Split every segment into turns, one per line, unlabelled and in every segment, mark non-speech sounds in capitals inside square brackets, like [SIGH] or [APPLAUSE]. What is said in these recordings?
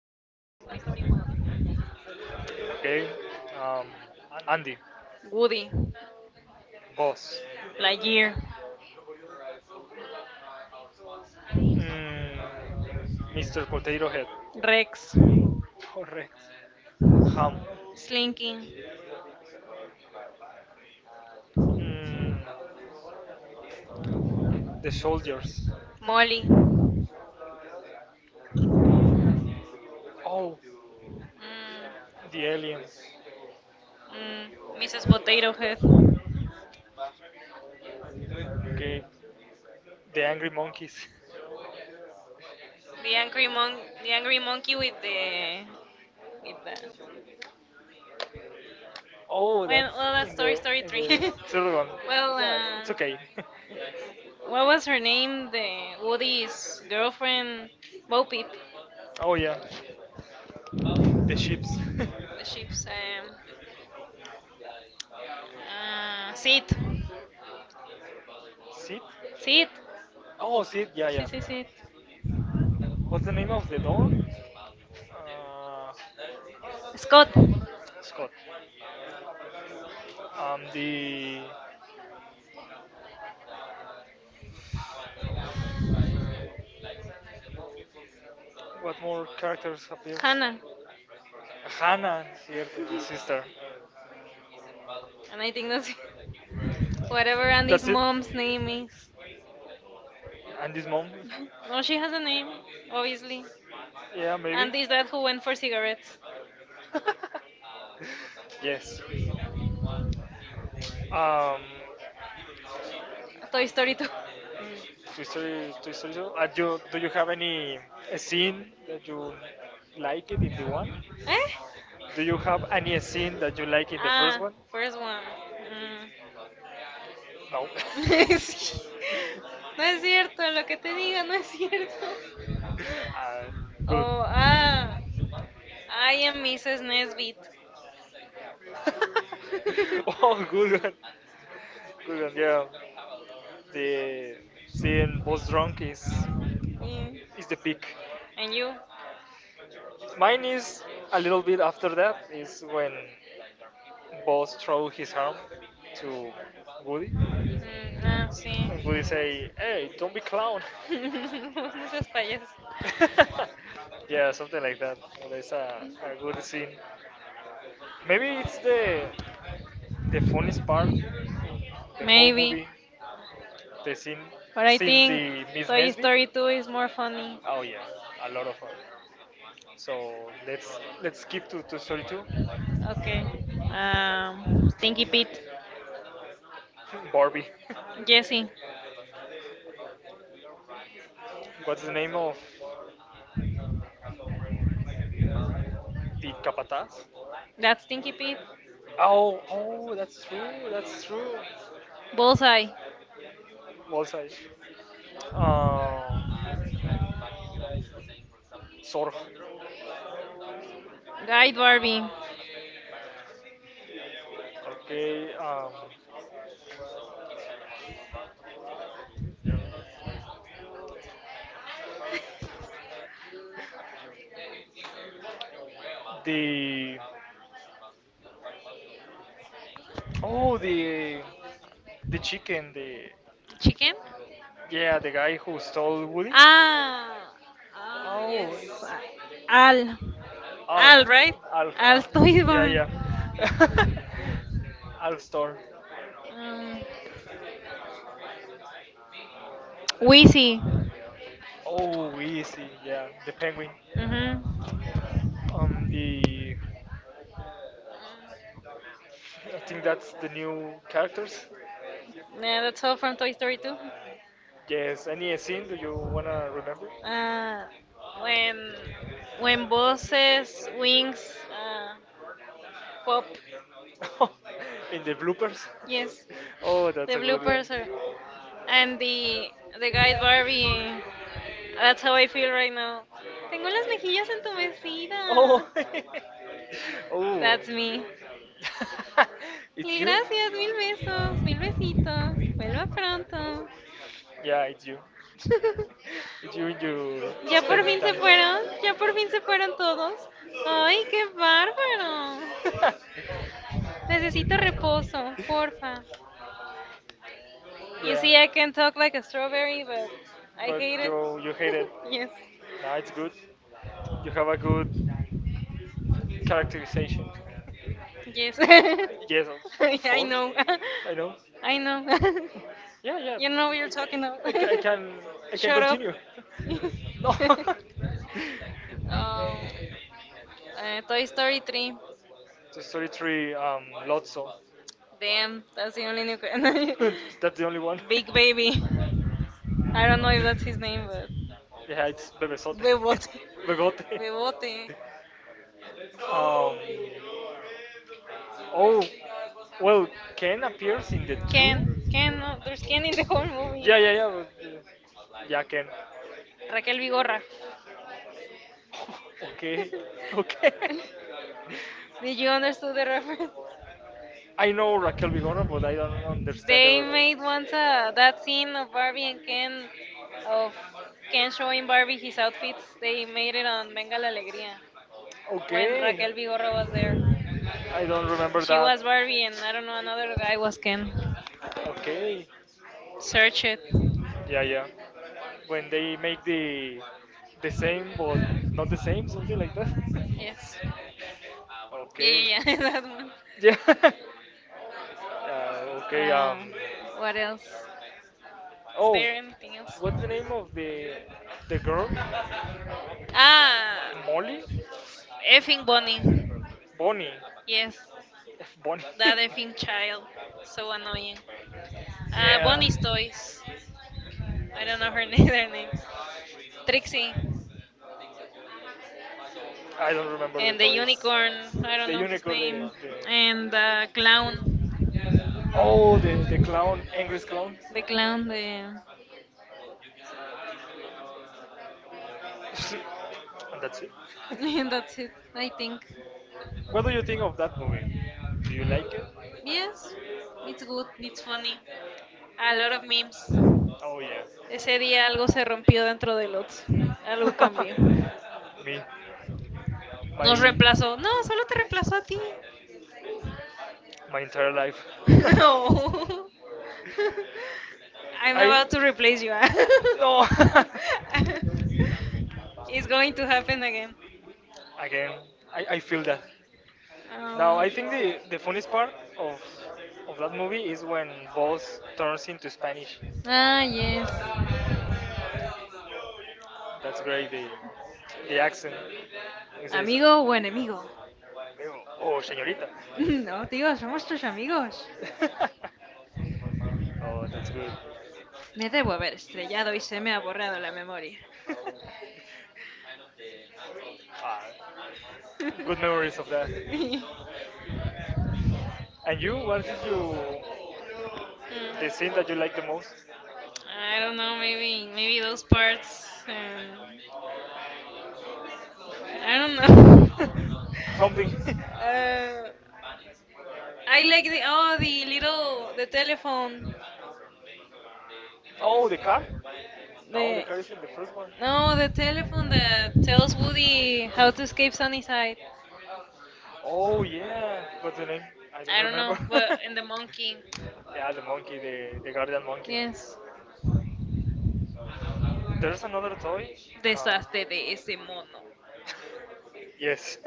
Toy Story 1,
Okay. Um, Andy,
Woody,
boss.
Lightyear,
Mm, Mr. Potato Head.
Rex,
Correct. Ham.
Slinky,
Mm, the soldiers.
Molly,
Oh, the aliens.
mm, Mrs. Potato Head, the
Okay. The angry monkeys.
angry monkey with the
[LAUGHS]
with the well,
Oh, that's
well that's
in
Toy
the
Story
in
3. [LAUGHS]
the third one.
well,
Yeah,
uh,
it's okay. [LAUGHS]
what was her name? The Woody's girlfriend, Bo Peep,
Oh yeah, the ships. [LAUGHS]
the sheep's. Ah, Sid.
Sid?
Sid.
Oh, Sid. Yeah,
Sí,
yeah.
sí, Sid.
What's the name of the door? Uh,
Scott.
Scott. The What more characters appears?
Hannah.
Hannah, cierto, the sister.
And I think that's it. [LAUGHS] Whatever Andy's
That's it.
mom's name is.
And his mom?
No, she has a name, obviously.
Yeah, maybe.
Andy's dad who went for cigarettes.
[LAUGHS] yes. Um,
Toy Story 2.
Mm, Toy Story, Toy Story 2. Do you have any scene that you like it in the one?
Eh?
Eh? Do you have any scene that you like in the first
Ah,
one?
first one. Mm. [LAUGHS]
No.
Sí. No es cierto, lo que te diga no es cierto.
[LAUGHS] uh, good.
Oh, ah, I am Mrs. Nesbit.
[LAUGHS]
[LAUGHS]
oh, good one. Good one, yeah, the seeing both drunk
Yeah.
is the peak.
And you?
Mine is a little bit after that is when boss throw his arm to Woody
Mm, ah, sí.
and Woody say, "Hey,
[LAUGHS]
don't be clown."
Vos no seas payaso.
[LAUGHS] yeah, something like that. That's a good scene. Maybe it's the funniest part, the whole
Maybe,
movie, the scene
but I
since
think
the Miss
Toy
Nesby.
Story 2 is more funny.
Oh yeah, a lot of fun. So let's skip to 32. [LAUGHS]
Okay. Stinky Pete.
Barbie. [LAUGHS]
Jesse.
What's the name of the capataz?
That's Stinky Pete.
Oh, oh, that's true. That's true.
Bullseye.
Bullseye. Um, Zorg.
Guide Barbie.
Okay. The oh the the chicken the
Chicken?
yeah the guy who stole Woody.
Ah, ah, yes.
Oh,
Al,
Alf,
Al, right?
Alf,
Al
Alf. Yeah,
Toivan.
yeah. [LAUGHS] Alf Storm.
Mm. Wheezy.
Oh, easy, yeah. The Penguin.
Mhm.
The I think that's the new characters.
Yeah, that's all from Toy Story 2.
Yes. Any scene do you wanna remember?
Uh, when
[LAUGHS]
bosses wings pop.
In the bloopers?
Yes,
[LAUGHS] Oh,
the
that's a good one.
bloopers are, and the guy Barbie. That's how I feel right now. Tengo las mejillas
Oh.
entumecidas.
[LAUGHS] oh.
That's me.
[LAUGHS]
Mil
it's you?
gracias, mil besos, mil besitos.
So.
Vuelva pronto.
Yeah, it's you.
[LAUGHS]
It's you
Ya por
spending
fin se
time.
fueron, ya por fin se fueron todos. Ay, qué bárbaro.
[LAUGHS]
Necesito reposo, porfa. You
yeah,
see, I can talk like a strawberry, but I
but
hate it.
you hate it.
[LAUGHS] Yes,
Nah, it's good. You have a good characterization. [LAUGHS]
yes. [LAUGHS]
Yes, of
I
course.
know,
I know.
[LAUGHS] I know. [LAUGHS]
Yeah, yeah.
You don't know what you're talking about.
I, ca- I
[LAUGHS]
can
Shut up.
continue.
[LAUGHS]
[LAUGHS] no. [LAUGHS]
um, Toy Story 3.
The Story 3, Lotso.
Damn, that's the only new.
[LAUGHS] That's the only one.
[LAUGHS] Big
[LAUGHS]
Baby. I don't know if that's his name, but.
yeah, it's Bebesote.
Bebote.
[LAUGHS] Bebote.
Bebote.
Um Oh, well, Ken appears in the
Ken.
two.
Ken, no, there's Ken in the whole movie.
Yeah, yeah, yeah, yeah, Ken. [LAUGHS]
Raquel Vigorra. [LAUGHS]
Okay, okay.
Did you understand the reference?
I know Raquel Vigorra, but I don't understand the
They
reference.
made once that scene of Barbie and Ken, of Ken showing Barbie his outfits. They made it on Venga la Alegría when
Okay.
Raquel Vigorra was there.
I don't remember
She
that.
was Barbie, and I don't know, another guy was Ken.
Okay.
Search it.
Yeah, yeah. When they make the same or not the same, something like that. [LAUGHS]
Yes. Yeah,
Okay.
yeah, yeah, [LAUGHS] that one.
Yeah. [LAUGHS] yeah. Okay.
Uh, what else? Is
Oh,
there anything else?
what's the name of the girl?
Ah,
Molly?
effing Bonnie.
Bonnie.
Yes,
[LAUGHS] Bonnie.
that
[LAUGHS]
effing child. So annoying.
yeah.
Bonnie's toys. I don't know her [LAUGHS] name, their names. Trixie.
I don't remember the
And the
toys.
unicorn. I don't
The
know his
unicorn,
name.
the
And the clown.
oh, the clown, angry clown. [LAUGHS]
The clown. The.
And that's it.
[LAUGHS] That's it. I think.
[LAUGHS] What do you think of that movie? Do you like it?
Yes, it's good. It's funny. A lot of memes.
Oh yeah.
Ese día algo se rompió dentro de Lots. Algo cambió.
[LAUGHS] Me,
Nos
my
reemplazó. No, solo te reemplazó a ti.
my entire life.
[LAUGHS]
[LAUGHS]
No.
No.
[LAUGHS] I'm
I
about to replace you. [LAUGHS]
no. [LAUGHS]
It's going to happen again.
Again, I feel that. Now
Um,
I think the funniest part of of that movie is when Boss turns into Spanish.
ah, yes.
That's great. The accent. He says,
Amigo o enemigo. [LAUGHS]
"Oh, señorita."
No, tío, somos tus amigos.
[LAUGHS] oh, that's good.
Me debo haber estrellado y se me ha borrado la memoria.
[LAUGHS] Ah, good memories of that.
[LAUGHS]
And you, the scene that you
Mm.
like the most?
I don't know, maybe those parts. I don't know.
[LAUGHS] Something.
[LAUGHS] uh, I like the
[LAUGHS]
telephone.
oh, the car? No, the
The
car is in the first one.
no the telephone that tells Woody how to escape Sunnyside.
Oh yeah, but the name I don't
I don't know,
remember.
but
[LAUGHS]
and the monkey.
Yeah, the monkey, the guardian monkey.
Yes.
There's another toy. Uh,
Deshazte de ese mono.
yes. [LAUGHS]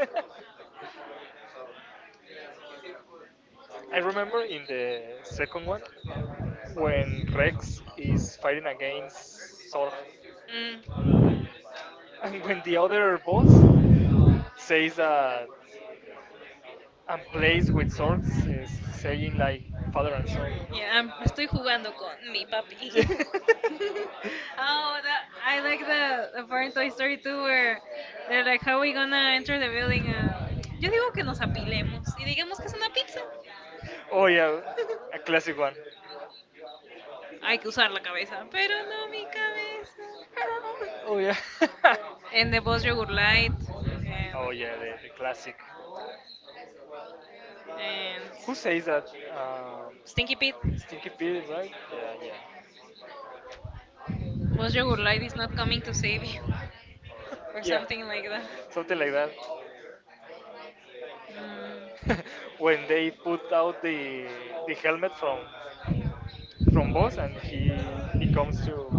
I remember in the second one when Rex is fighting against Zorg. [LAUGHS]
Mm,
And when the other boss says that and plays with swords, is saying like father and son. [LAUGHS]
yeah, estoy jugando con mi papi. [LAUGHS] oh, I like the part in Toy Story 2 where they're like, how we gonna enter the building? Yo digo que nos apilemos y digamos que es una pizza.
Yeah. Oh yeah, a classic one. I
Hay que usar la cabeza, pero no mi cabeza.
don't know. Oh yeah. [LAUGHS]
En The Boss Yogurt Light. em,
oh yeah, the classic.
And
Who says that? Uh,
Stinky Pete,
stinky Pete, right? Yeah,
was your
yeah.
good light is not coming
[LAUGHS]
to save you, [LAUGHS] or
Yeah,
something like that.
something like that. [LAUGHS] When they put out the helmet from Boss, and he comes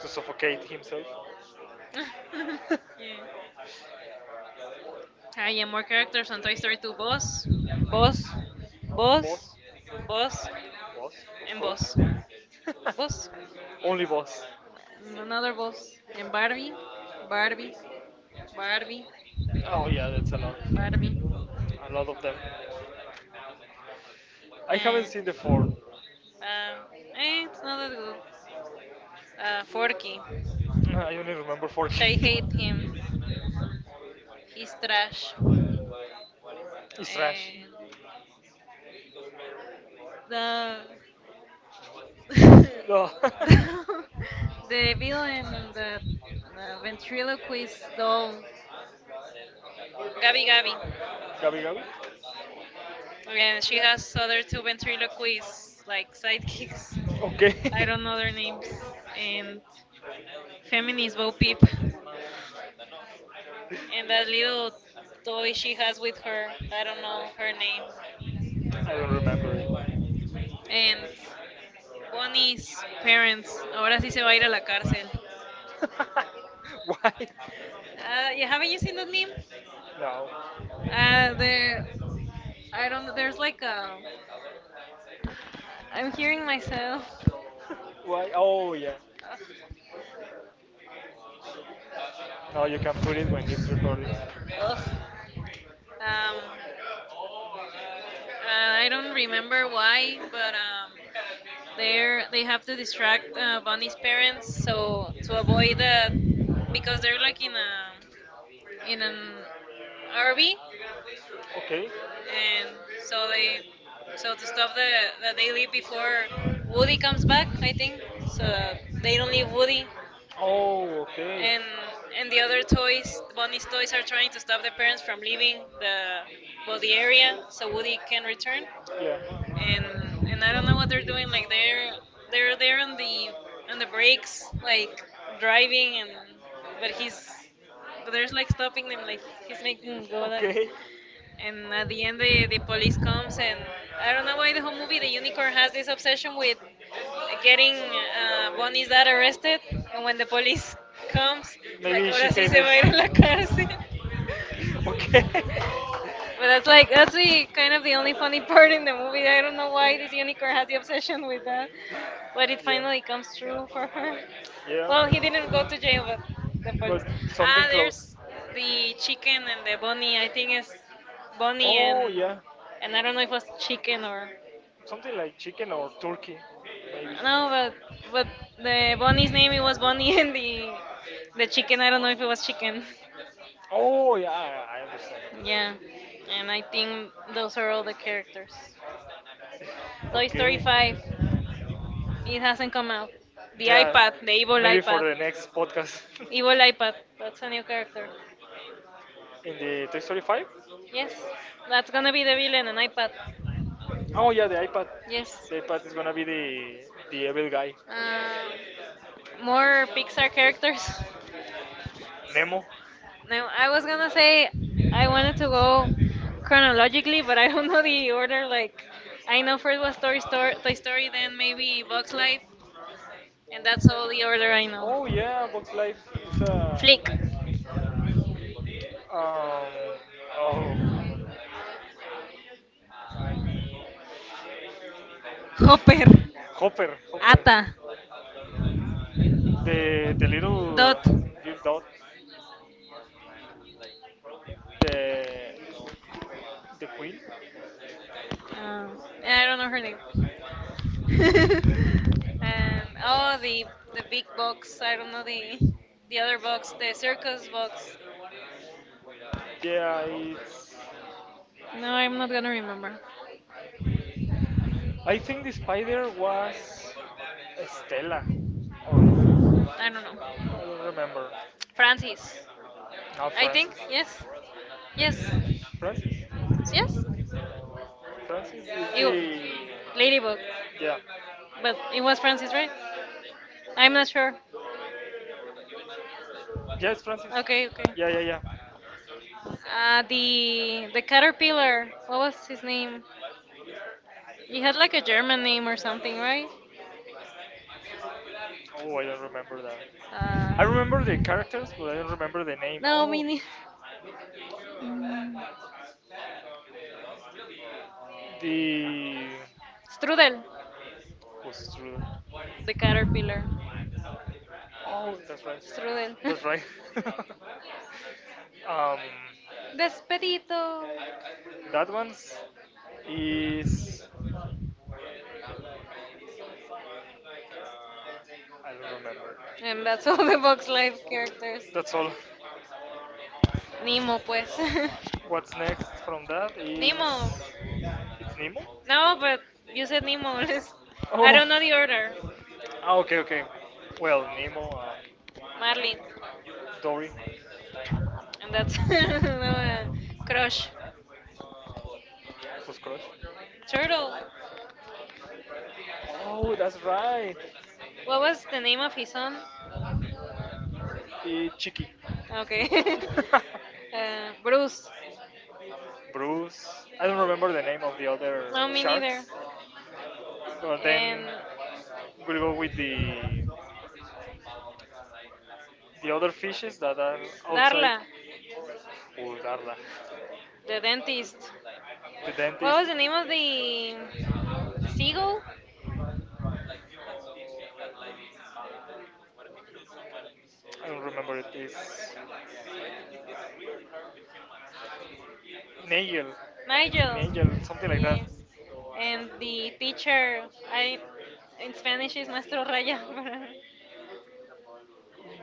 to suffocate himself.
Mm. [LAUGHS]
[LAUGHS]
Yeah. Ah,
I
yeah,
am
more
more characters.
characters on
I'm
Toy
going
Story 2. Boss,
starting
boss,
boss, boss,
boss,
boss, Boss,
boss,
boss, boss, of course.
boss.
[LAUGHS] Boss.
Boss.
Only boss.
And
Another
another
boss.
boss. And
Barbie,
Barbie,
Barbie,
Barbie, Barbie,
Barbie, oh yeah, that's a lot. Barbie.
Barbie.
A lot of them. I haven't
And
seen the
And,
four. [LAUGHS]
um, it's not that good. Forky.
I really don't know. I only remember four. [LAUGHS] I
I
think
hate him. He's trash.
strash. It's trash.
And the [LAUGHS]
No.
Yo,
[LAUGHS]
the villain, the, the ventriloquist doll, Gabby Gabby.
Gabi Gabi?
And she has other two ventriloquists, like sidekicks.
Okay.
I don't know
[LAUGHS]
their names. And feminist Bo Peep. And that little toy she has with her. I don't know her name.
I don't remember
And Bonnie's parents. Ahora sí
it.
se va a ir a la cárcel.
[LAUGHS] Why?
Yeah, haven't you seen that meme?
No.
There, I don't know, there's like a. I'm hearing myself.
Why? Oh, yeah.
Ugh.
No, you can put it when it's recording.
Um, I don't remember why, but they're they have to distract Bonnie's parents so to avoid that because they're like in an RV
Okay.
and so they so the stuff that they leave before Woody comes back, I think, so they don't leave Woody,
Oh, okay.
and the other toys, Bonnie's toys, are trying to stop the parents from leaving the area so Woody can return and
Yeah.
I don't know what they're doing. Like they're there on the brakes, like driving, and but he's but there's like stopping them, like he's making them go like. Okay.
Okay.
And at the end, the police comes, and I don't know why the whole movie, the unicorn has this obsession with getting
uh,
Bonnie's dad arrested. And when the police comes, it's like,
Maybe she
ahora sí
hates.
se va a ir a la
Sorry, [LAUGHS]
cárcel. [LAUGHS]
okay.
But that's the kind of the only funny [LAUGHS] part in the movie. I don't know why this unicorn has the obsession with that, but it finally
Yeah.
comes true for her. Well,
Well,
he didn't
yeah,
go to jail, but the
but
police.
something
Ah,
close.
there's the chicken and the bunny. I think it's bunny
Oh
and
yeah,
I don't know if it was chicken or
something like chicken or turkey, maybe.
no, but but the bunny's name it was bunny [LAUGHS] and the chicken. I don't know if it was chicken. [LAUGHS]
Oh yeah, I understand.
Yeah, and I think those are all the characters. Toy Story
Okay.
5. It hasn't come out. The
Yeah,
iPad, the evil
maybe for
iPad.
the next podcast
Evil iPad. That's a new character.
[LAUGHS] in the Toy Story 5.
Yes. That's gonna be the villain, an iPad.
Oh yeah, the iPad.
Yes.
The iPad is gonna be the evil guy.
More Pixar characters. [LAUGHS]
Nemo.
Now, I was gonna say I wanted to go chronologically, but I don't know the order. Like, I know first was Toy Story, Toy Story, then maybe Bugs Life, and that's all the order I
Really? Oh
know.
yeah, Bugs Life is a
Flick,
um oh
Hopper,
Hopper,
Ata,
Hopper. The little
Dot.
Dot, girl dot, the the queen. [LAUGHS]
Uh, I don't know her name. [LAUGHS] and
oh,
oh, the
the big
big
box.
box. I
I
don't know
don't know.
the
The
other
other box,
box, the
the circus
circus
box.
box.
Yeah, it's.
No, I'm not gonna remember.
I think the spider was Stella, or not? I
I don't
don't know. I
know.
don't remember. Not,
Francis,
I
I think.
think
Yes, yes,
Francis. Yes. Yes. Francis?
yes.
Yes. Francis is the
You,
ladybug.
Ladybug,
Yeah.
but it
Oh,
was
was Francis?
Francis, right? I'm
I'm
not sure.
yeah, it's Francis.
Okay, okay.
Yeah, yeah, yeah.
The caterpillar. What was his name? He had like a German name or something, right?
Oh, I don't remember that. I
Uh,
remember the characters, but I don't remember the name.
no, me
Oh,
neither.
the
Strudel,
who's true.
the caterpillar.
Oh, that's right.
Strudel. [LAUGHS]
That's right. [LAUGHS] um,
Despedito.
that one's is I don't remember.
And that's all the Box Life characters.
That's all.
Nemo, pues. [LAUGHS]
What's next from that is
Nemo.
it's Nemo.
No, but you said Nemo. [LAUGHS] I
Oh.
don't know the order.
Ah, okay, okay. Well, Nemo,
Marlin,
Dory,
and that's [LAUGHS] no,
[LAUGHS]
crush.
who's crush?
Turtle.
Oh, that's right.
What was the name of his son?
Chicky.
Okay.
[LAUGHS]
[LAUGHS] Bruce.
Bruce. I don't remember the name of the other
No, me neither.
sharks, but
And
then we'll go with the other fishes that are outside.
Darla,
Ooh, Darla.
the dentist.
The
What
dentist.
was the name of the seagull?
I don't remember it is Nigel.
Nigel.
Nigel, something like that.
And the teacher, I in Spanish is Maestro Raya.
[LAUGHS]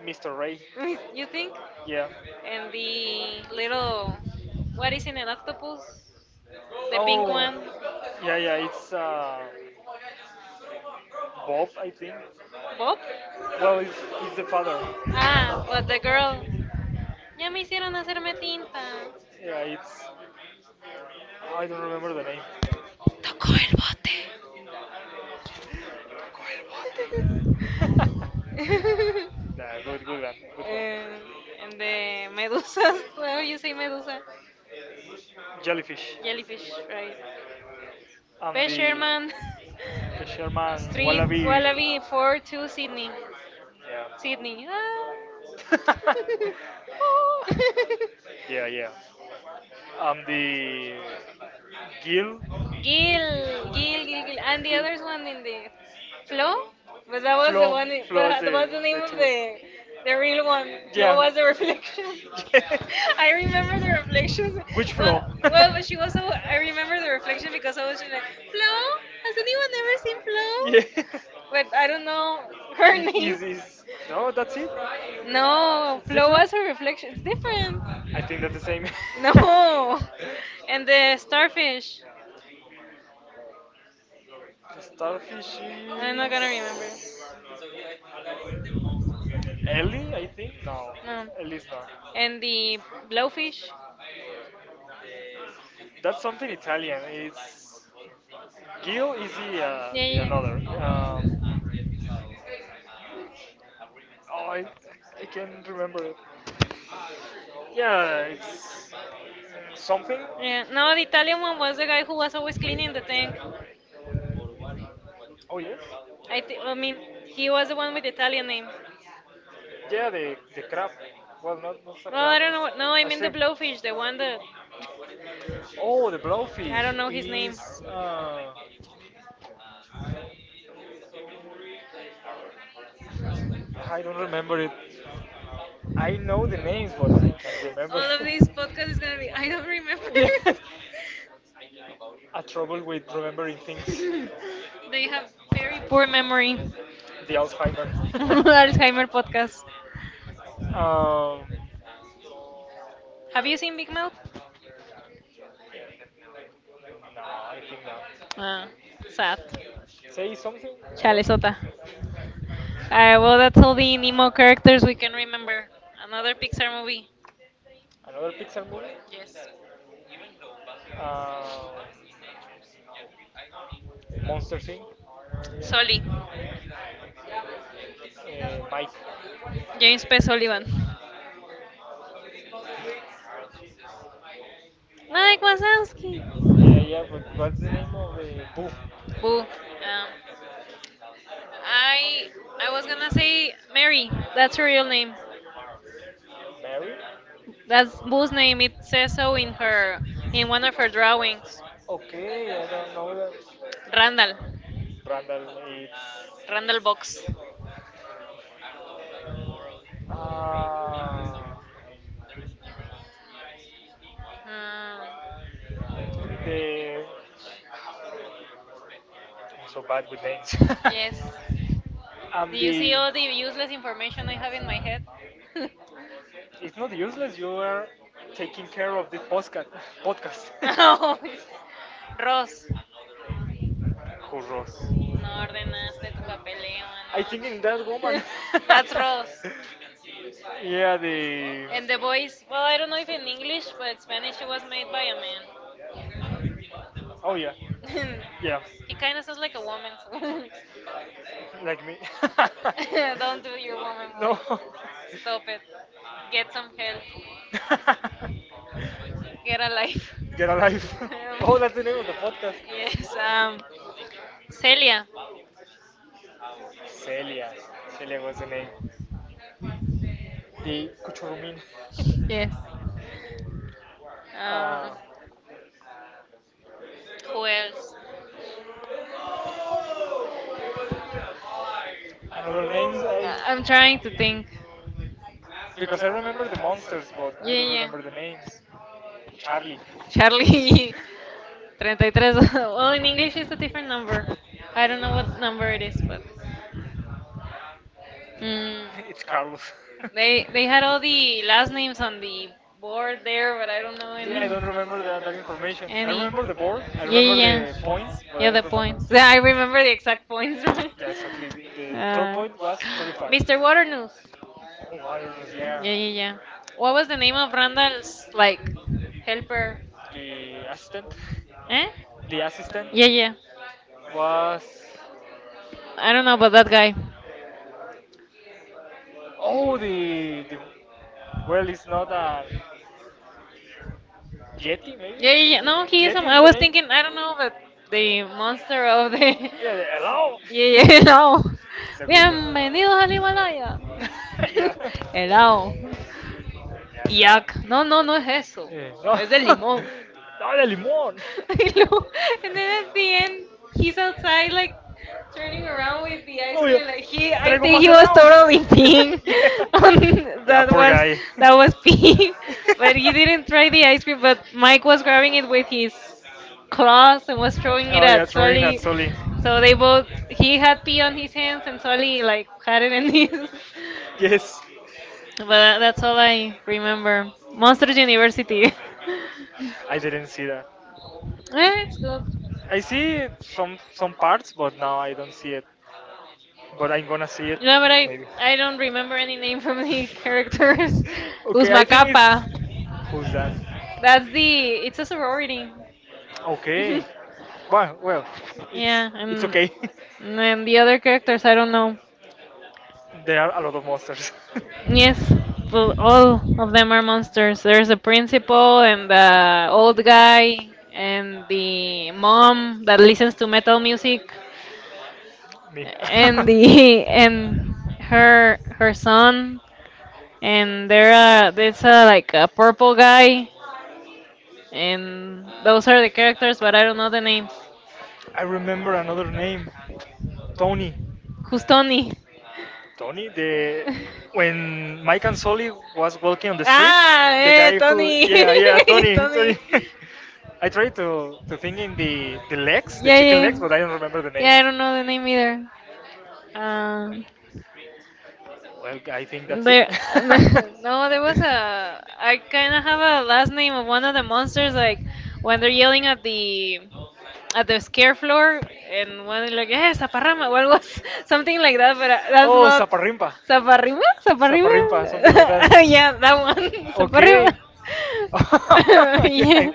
Mr. Ray.
[LAUGHS] You think?
Yeah.
And the little what is in an octopus? The pink
Oh.
one,
Yeah, yeah. It's Bob, I think.
Bob.
Bob? Well, it's the father.
Ah,
Ah,
but the girl. Ya me hicieron hacerme tinta.
yeah, it's. I don't remember the name.
Tocó el bote. [LAUGHS]
[LAUGHS]
Don't do
Yeah, good, good one, good one.
Eh, and the medusas. [LAUGHS] How you say
Well,
medusa?
jellyfish.
Right?
And
Fisherman.
the
[LAUGHS]
Sherman
Street
wallaby.
Wallaby Four, Two, Sydney. Sydney.
Yeah.
Ah.
[LAUGHS]
[LAUGHS]
Oh. Yeah, yeah. And the Gil.
Gil, Gil, Gil, Gil, and the others one in the Flo,
Flo.
but that was the
Flo
one.
flows
But that was the name
the
of
two. The
the real
real one.
one.
How?
Flo
Yeah. Was
was the
the reflection?
reflection.
[LAUGHS]
[LAUGHS] I
I remember
remember the
the
reflections.
reflection. [LAUGHS] Which? Well,
Well,
floor? Well, [LAUGHS]
well, but
but
she
she
was.
also,
So,
I remember
I remember the
the reflection
reflection
because
because
I
I
was
was
like,
just like, Flo. Has anyone ever seen
Flo, this is Flo. [LAUGHS]
Flo?
yeah.
[LAUGHS] But
But
I
I
don't
don't know
know
her.
her
It name.
name.
Is No, that's it. No,
No,
it's no,
flow
different.
was a reflection. It's
It's
different.
different. I think that's the same. [LAUGHS] The
No.
No.
And the starfish.
And starfish
I'm not gonna remember.
is Ellie, I think. No,
No.
no, Ellie's not.
And the
And
blowfish.
blowfish. That's something Italian. It's Gil is
Yeah, yeah,
the
yeah.
another. Um, oh, I, I can't remember it. Yeah, it's something.
Yeah. No, the Italian one was the guy who was always cleaning the tank.
Oh yes.
I mean, he was the one with the Italian name.
Yeah, the crab. Well, not not a
Well,
crab.
I don't know. What, no, I
A
mean the
shrimp.
blowfish, the one that.
Oh, the
[LAUGHS] I
blowfish
don't know his name.
is. I don't remember it. I know the names, but I can't
[LAUGHS]
remember.
All of this podcast is gonna be I don't remember.
[LAUGHS] yeah. A trouble with remembering
[LAUGHS]
things.
They have very poor memory.
[LAUGHS] the Alzheimer. [LAUGHS]
[LAUGHS] Alzheimer podcast.
um,
Have you seen Big Mouth?
no, I think not.
Ah, sad.
Say something
Chale
about
sota. Alright, well, that's all the Nemo characters we can remember. Another Pixar movie.
another Pixar movie.
Yes.
Um, Monster Inc.
Sully.
Mike.
James P. Sullivan. Mike Wazowski.
Yeah, yeah, but what's the name of the Boo?
Boo. I I was gonna say Mary. That's her real name.
Mary?
That's Boo's name. It says so in one of her drawings.
Okay, I don't know that.
Randall.
Brandon,
Randall
it's.
Box.
Uh,
Hmm.
the. I'm so bad with names.
Yes.
[LAUGHS] I'm
Do you see
the.
all the useless information I have in my head? [LAUGHS]
It's not useless. You are taking care of the podcast. [LAUGHS] Podcast.
Oh,
[LAUGHS]
Ross. No
Churros.
ordenaste tu papeleo,
I think in that
¿no?
woman.
[LAUGHS] That's
[LAUGHS]
Ross.
yeah, the.
And the voice, well, I don't know if in English, but Spanish it was made by a man.
Oh yeah,
[LAUGHS]
yeah,
He kind of sounds like a woman.
like me. [LAUGHS]
[LAUGHS] Don't do your woman
no.
voice. Stop it. Get some help.
[LAUGHS]
Get a life. [LAUGHS]
Get alive. [LAUGHS] Oh,
Um,
that's the name of the podcast.
yes. Celia.
Celia. Celia was the name. The Kuchurumin. [LAUGHS]
Yes. Uh,
uh,
who else?
another names I
I'm trying to think.
Because I remember the monsters, but I
Yeah,
don't
yeah.
remember the names. Charlie. [LAUGHS]
Charlie [LAUGHS] 33. [LAUGHS] Well, in English it's a different number. I don't know what number it is, but mm,
it's Carlos. [LAUGHS]
they had all the last names on the board there, but I don't know any.
yeah, I don't remember that, that information. I
Any.
remember the board, I
Yeah, yeah,
remember
yeah.
the points, but I
Yeah, the
don't remember.
points. Yeah, I remember the exact points. [LAUGHS] Right?
Yeah, exactly. The third
uh,
point was 35.
Mr. Waternoose.
Oh, Warriors, yeah.
Yeah, yeah, yeah. What was the name of Randall's like helper.
The assistant.
Eh?
The assistant.
Yeah, yeah.
Was
I don't know about that guy.
Oh the, well, it's not a yeti maybe.
Yeah, yeah, yeah. No, he is. I was thinking. I don't know, but the monster of the. [LAUGHS] Yeah,
Yeah, hello.
yeah, hello. Bienvenidos al Himalaya.
[LAUGHS] yeah.
[LAUGHS] Hello. Yak. No, no, no es eso.
No,
Es de limón.
[LAUGHS] no, the limón.
[LAUGHS] I know. And then at the end, he's outside, like turning around with the ice
Oh yeah,
cream. Like
like
he,
he, I
I
traigo
think
más
he
think he
was
helado was.
totally peeing. [LAUGHS] On
[LAUGHS] That poor guy. [LAUGHS] That
that was
was
peeing,
me.
[LAUGHS] but
[LAUGHS]
he
And
didn't try the ice cream. But Mike was grabbing it with his
he
claws and
was
was
throwing,
throwing it
oh yeah,
at
at throwing at
Sully. So they
Sully.
both, he had pee on his hands and Sully like had it in his. [LAUGHS]
Yes,
But that's all I remember. Monsters University.
I didn't see that.
[LAUGHS] Eh, it's good.
I see some parts, but now I don't see it. But I'm gonna see it
No, but
maybe. [LAUGHS]
I don't remember any name from the [LAUGHS] characters.
Okay, I
Uzma
think it's
Kappa.
who's that?
That's the. It's a sorority.
Okay.
[LAUGHS]
Well, it's
Yeah, and
okay.
then the other characters I don't know.
[LAUGHS] There are a lot of monsters.
Yes, well, all of them are monsters. There's the principal and the old guy
[LAUGHS]
and the mom that listens to metal music
Me.
and the [LAUGHS] and her son
[LAUGHS]
and there's a like a purple guy, and those are the characters, but I don't know the names.
I remember another name, Tony.
Who's Tony? [LAUGHS]
Tony, the when Mike and Sully was walking on the street,
Ah,
the
eh,
guy who,
Tony,
yeah yeah,
[LAUGHS]
Tony
Tony.
Tony. [LAUGHS] I tried to think in the legs, the
Yeah,
chicken
yeah.
legs, but I don't remember the name.
Yeah, I don't know the name either. Um,
Well, I think that's it.
there,
[LAUGHS]
[LAUGHS] no, there was a. I kind of have a last name of one of the monsters. Like when they're yelling at the scare floor and one like, eh, zaparrama, what was [LAUGHS] something like that, but that's
oh,
not
Zaparrimpa,
zaparrima,
Zaparrimpa,
zaparrima. [LAUGHS]
something like that.
Yeah, that one, [LAUGHS] zaparrima.
Okay,
[LAUGHS]
[LAUGHS] yeah.
Yeah.
I-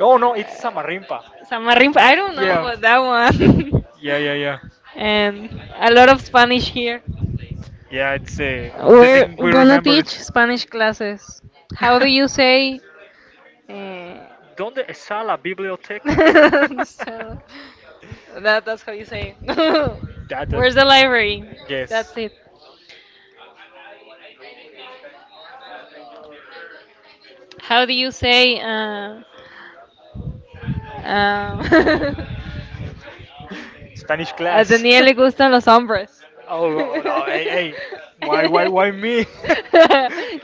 Oh no, it's Samarimpa.
Samarrimpa, I don't know
Yeah,
about that one.
yeah, yeah, yeah.
[LAUGHS] And a lot of Spanish here.
Yeah, it's
We're
we
gonna
remember it.
teach Spanish classes. How do you say? Eh,
¿Dónde está la
[LAUGHS]
biblioteca? [LAUGHS]
so that's how you say. It. [LAUGHS]
That,
Where's the
that,
library?
yes.
That's it. How do you say? Um, [LAUGHS]
Spanish
a
class.
Daniel le gustan
[LAUGHS]
los hombres.
Oh, oh, no,
[LAUGHS]
hey, hey, why me?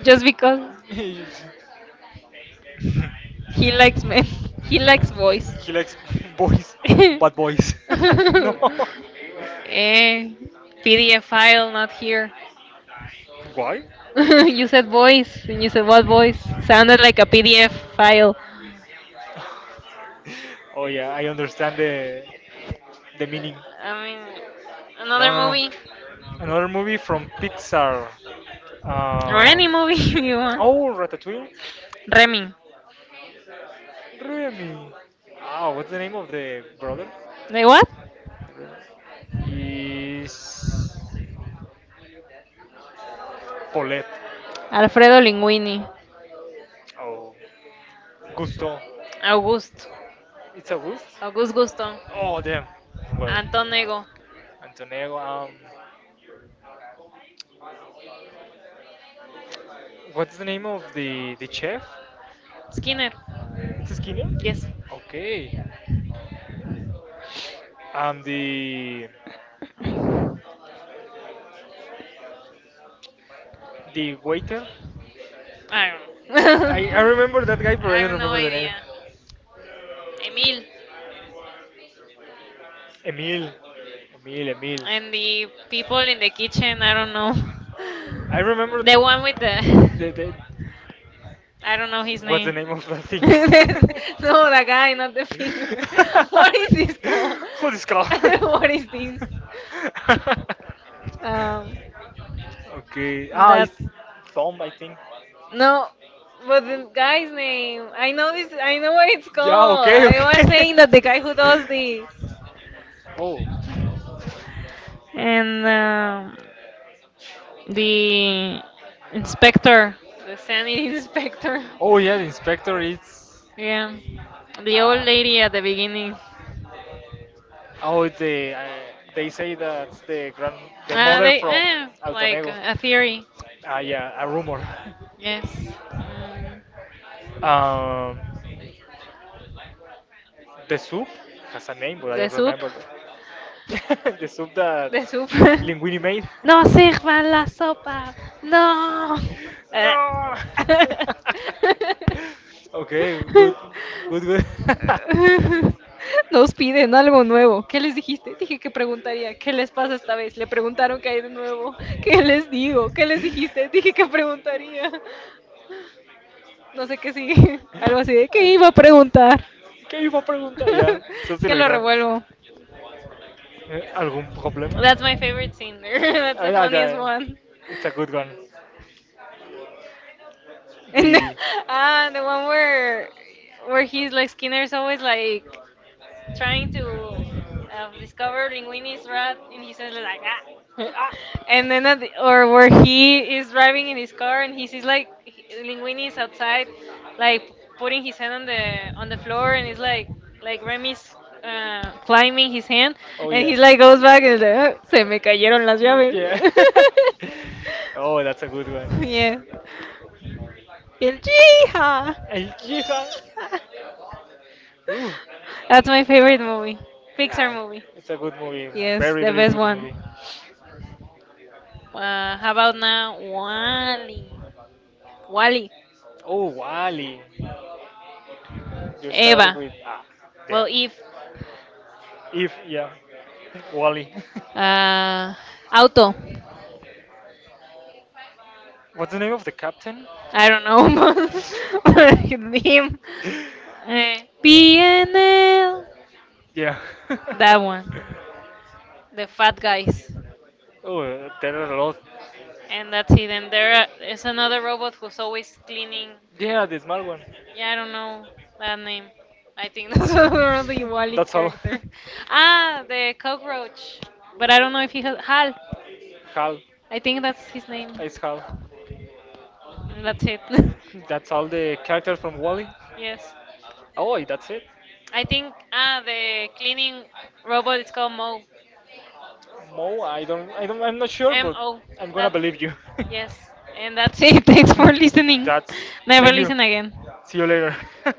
Just because
[LAUGHS]
he likes men, he likes boys.
he likes boys,
[LAUGHS] Eh,
bad boys. [LAUGHS]
PDF file not here.
Why?
[LAUGHS] You said voice, and you said what voice? Sounded like a PDF file.
Oh yeah, I understand the meaning.
I mean,
No,
another
no, no.
movie
Another movie from Pixar.
or
Uh,
any movie [LAUGHS] you want.
oh, Ratatouille.
Remy.
Remy. Ah, what's the name of the brother?
De what?
Is Paulette.
Alfredo Linguini.
Oh, Gusto.
August.
It's August.
August Gusto.
Oh, damn. Well,
Anton Ego.
Antonello. What's the name of the chef?
Skinner.
It's Skinner.
Yes.
Okay. Um, the
[LAUGHS]
the waiter.
I don't know. [LAUGHS]
I remember that guy,
I
but I don't
have no
remember the
idea.
name.
Emil.
Emil, Emil,
And the people in the kitchen, I don't know. [LAUGHS]
I remember
The one with the.
the. the,
I don't know his
what's the
name.
name of that thing?
[LAUGHS] No, the guy,
[LAUGHS]
not the finger. [LAUGHS] What
What
is this called?
is this called? [LAUGHS] Who
[LAUGHS]
is
What is this? Um,
okay. Ah, it's
that's
Tom, I think.
no, but the guy's name. I know this. I know what it's
Yeah.
called.
Okay.
I was
Okay.
saying that the guy who does this.
Oh.
And
[LAUGHS]
the inspector, the sanity [LAUGHS] inspector.
Oh yeah, the inspector is.
Yeah, the old
Uh,
lady at the beginning.
oh, the, uh, they say that the grand, the
Ah,
mother
they
from
eh, like
Altonego.
a theory.
Ah, yeah, a rumor. [LAUGHS]
Yes. Mm.
Um, the soup has a name, but I
The
don't
soup.
remember that. [LAUGHS] The soup that
The soup.
Linguini made.
[LAUGHS] No sirvan la sopa.
[LAUGHS]
No.
no. [LAUGHS] okay, good,
Eh.
good, good. [LAUGHS]
[LAUGHS] [LAUGHS] Nos piden algo nuevo. ¿Qué les dijiste? Dije que preguntaría. ¿Qué les pasa esta vez? Le preguntaron qué hay de nuevo. ¿Qué les digo? ¿Qué les dijiste? Dije que preguntaría. No sé qué sigue. [LAUGHS] Algo así de qué iba a preguntar.
¿Qué iba a preguntar ya?
[LAUGHS] Es
Something
que
like
lo
that.
revuelvo.
Algún problema? That's
That's
my
my
favorite
favorite
scene
scene. [LAUGHS]
there. [LAUGHS] That's
That's
I,
the
my
funniest
I- one.
one.
It's a good one. The
And the,
one.
[LAUGHS] ah, the one where he's like Skinner's always like trying
Trying to
to discover
discover
Linguini's
Linguini's rat,
rat, and he
he's
says like ah.
in a ah, [LAUGHS] ah.
And then, at the, or where he is driving in his car and he sees like
And
Linguini
he's
is
outside,
outside, like
like putting
putting
it
his hand
on
on
the
the
floor,
floor,
and
and he's
it's like,
like Remy's
flat.
climbing his hand,
Oh, and
and
yeah,
he like goes back and is like, "Ah, se me cayeron las
like- yeah.
llaves. [LAUGHS]
[LAUGHS] Oh, that's a good one.
Yeah,
Yeah.
yeah. El chija.
El hija.
Chija.
Ooh,
That's my favorite movie, Pixar movie.
it's a good movie.
Yes,
Very,
the
very
best
good
one.
movie.
How about now, Wally? Wally,
Oh, Wally. You start
Eva.
with. Ah,
Well,
damn.
if
If yeah, [LAUGHS] Wally.
uh, auto,
[LAUGHS] What's the name of the captain?
I don't know [LAUGHS] but him. Uh, BNL,
Yeah. [LAUGHS]
that one, the fat guys,
Oh, there are a lot.
and that's it. And there is another robot who's always cleaning.
Yeah, the small one.
Yeah, I don't know that name. I think [LAUGHS] that's the Wally
That's all. [LAUGHS]
character. Ah, the cockroach. But I don't know if he has Hal.
Hal.
I think that's his name.
It's how.
And that's it.
That's all the characters from Wally.
[LAUGHS] Yes.
Oh, that's it.
I think ah the cleaning robot is called Mo.
Mo, I'm not sure,
M
but
O.
I'm gonna
That
believe you.
yes. And that's it. [LAUGHS] Thanks for
[LAUGHS]
listening.
that's.
Never
Thank you.
listen again.
See you later. [LAUGHS]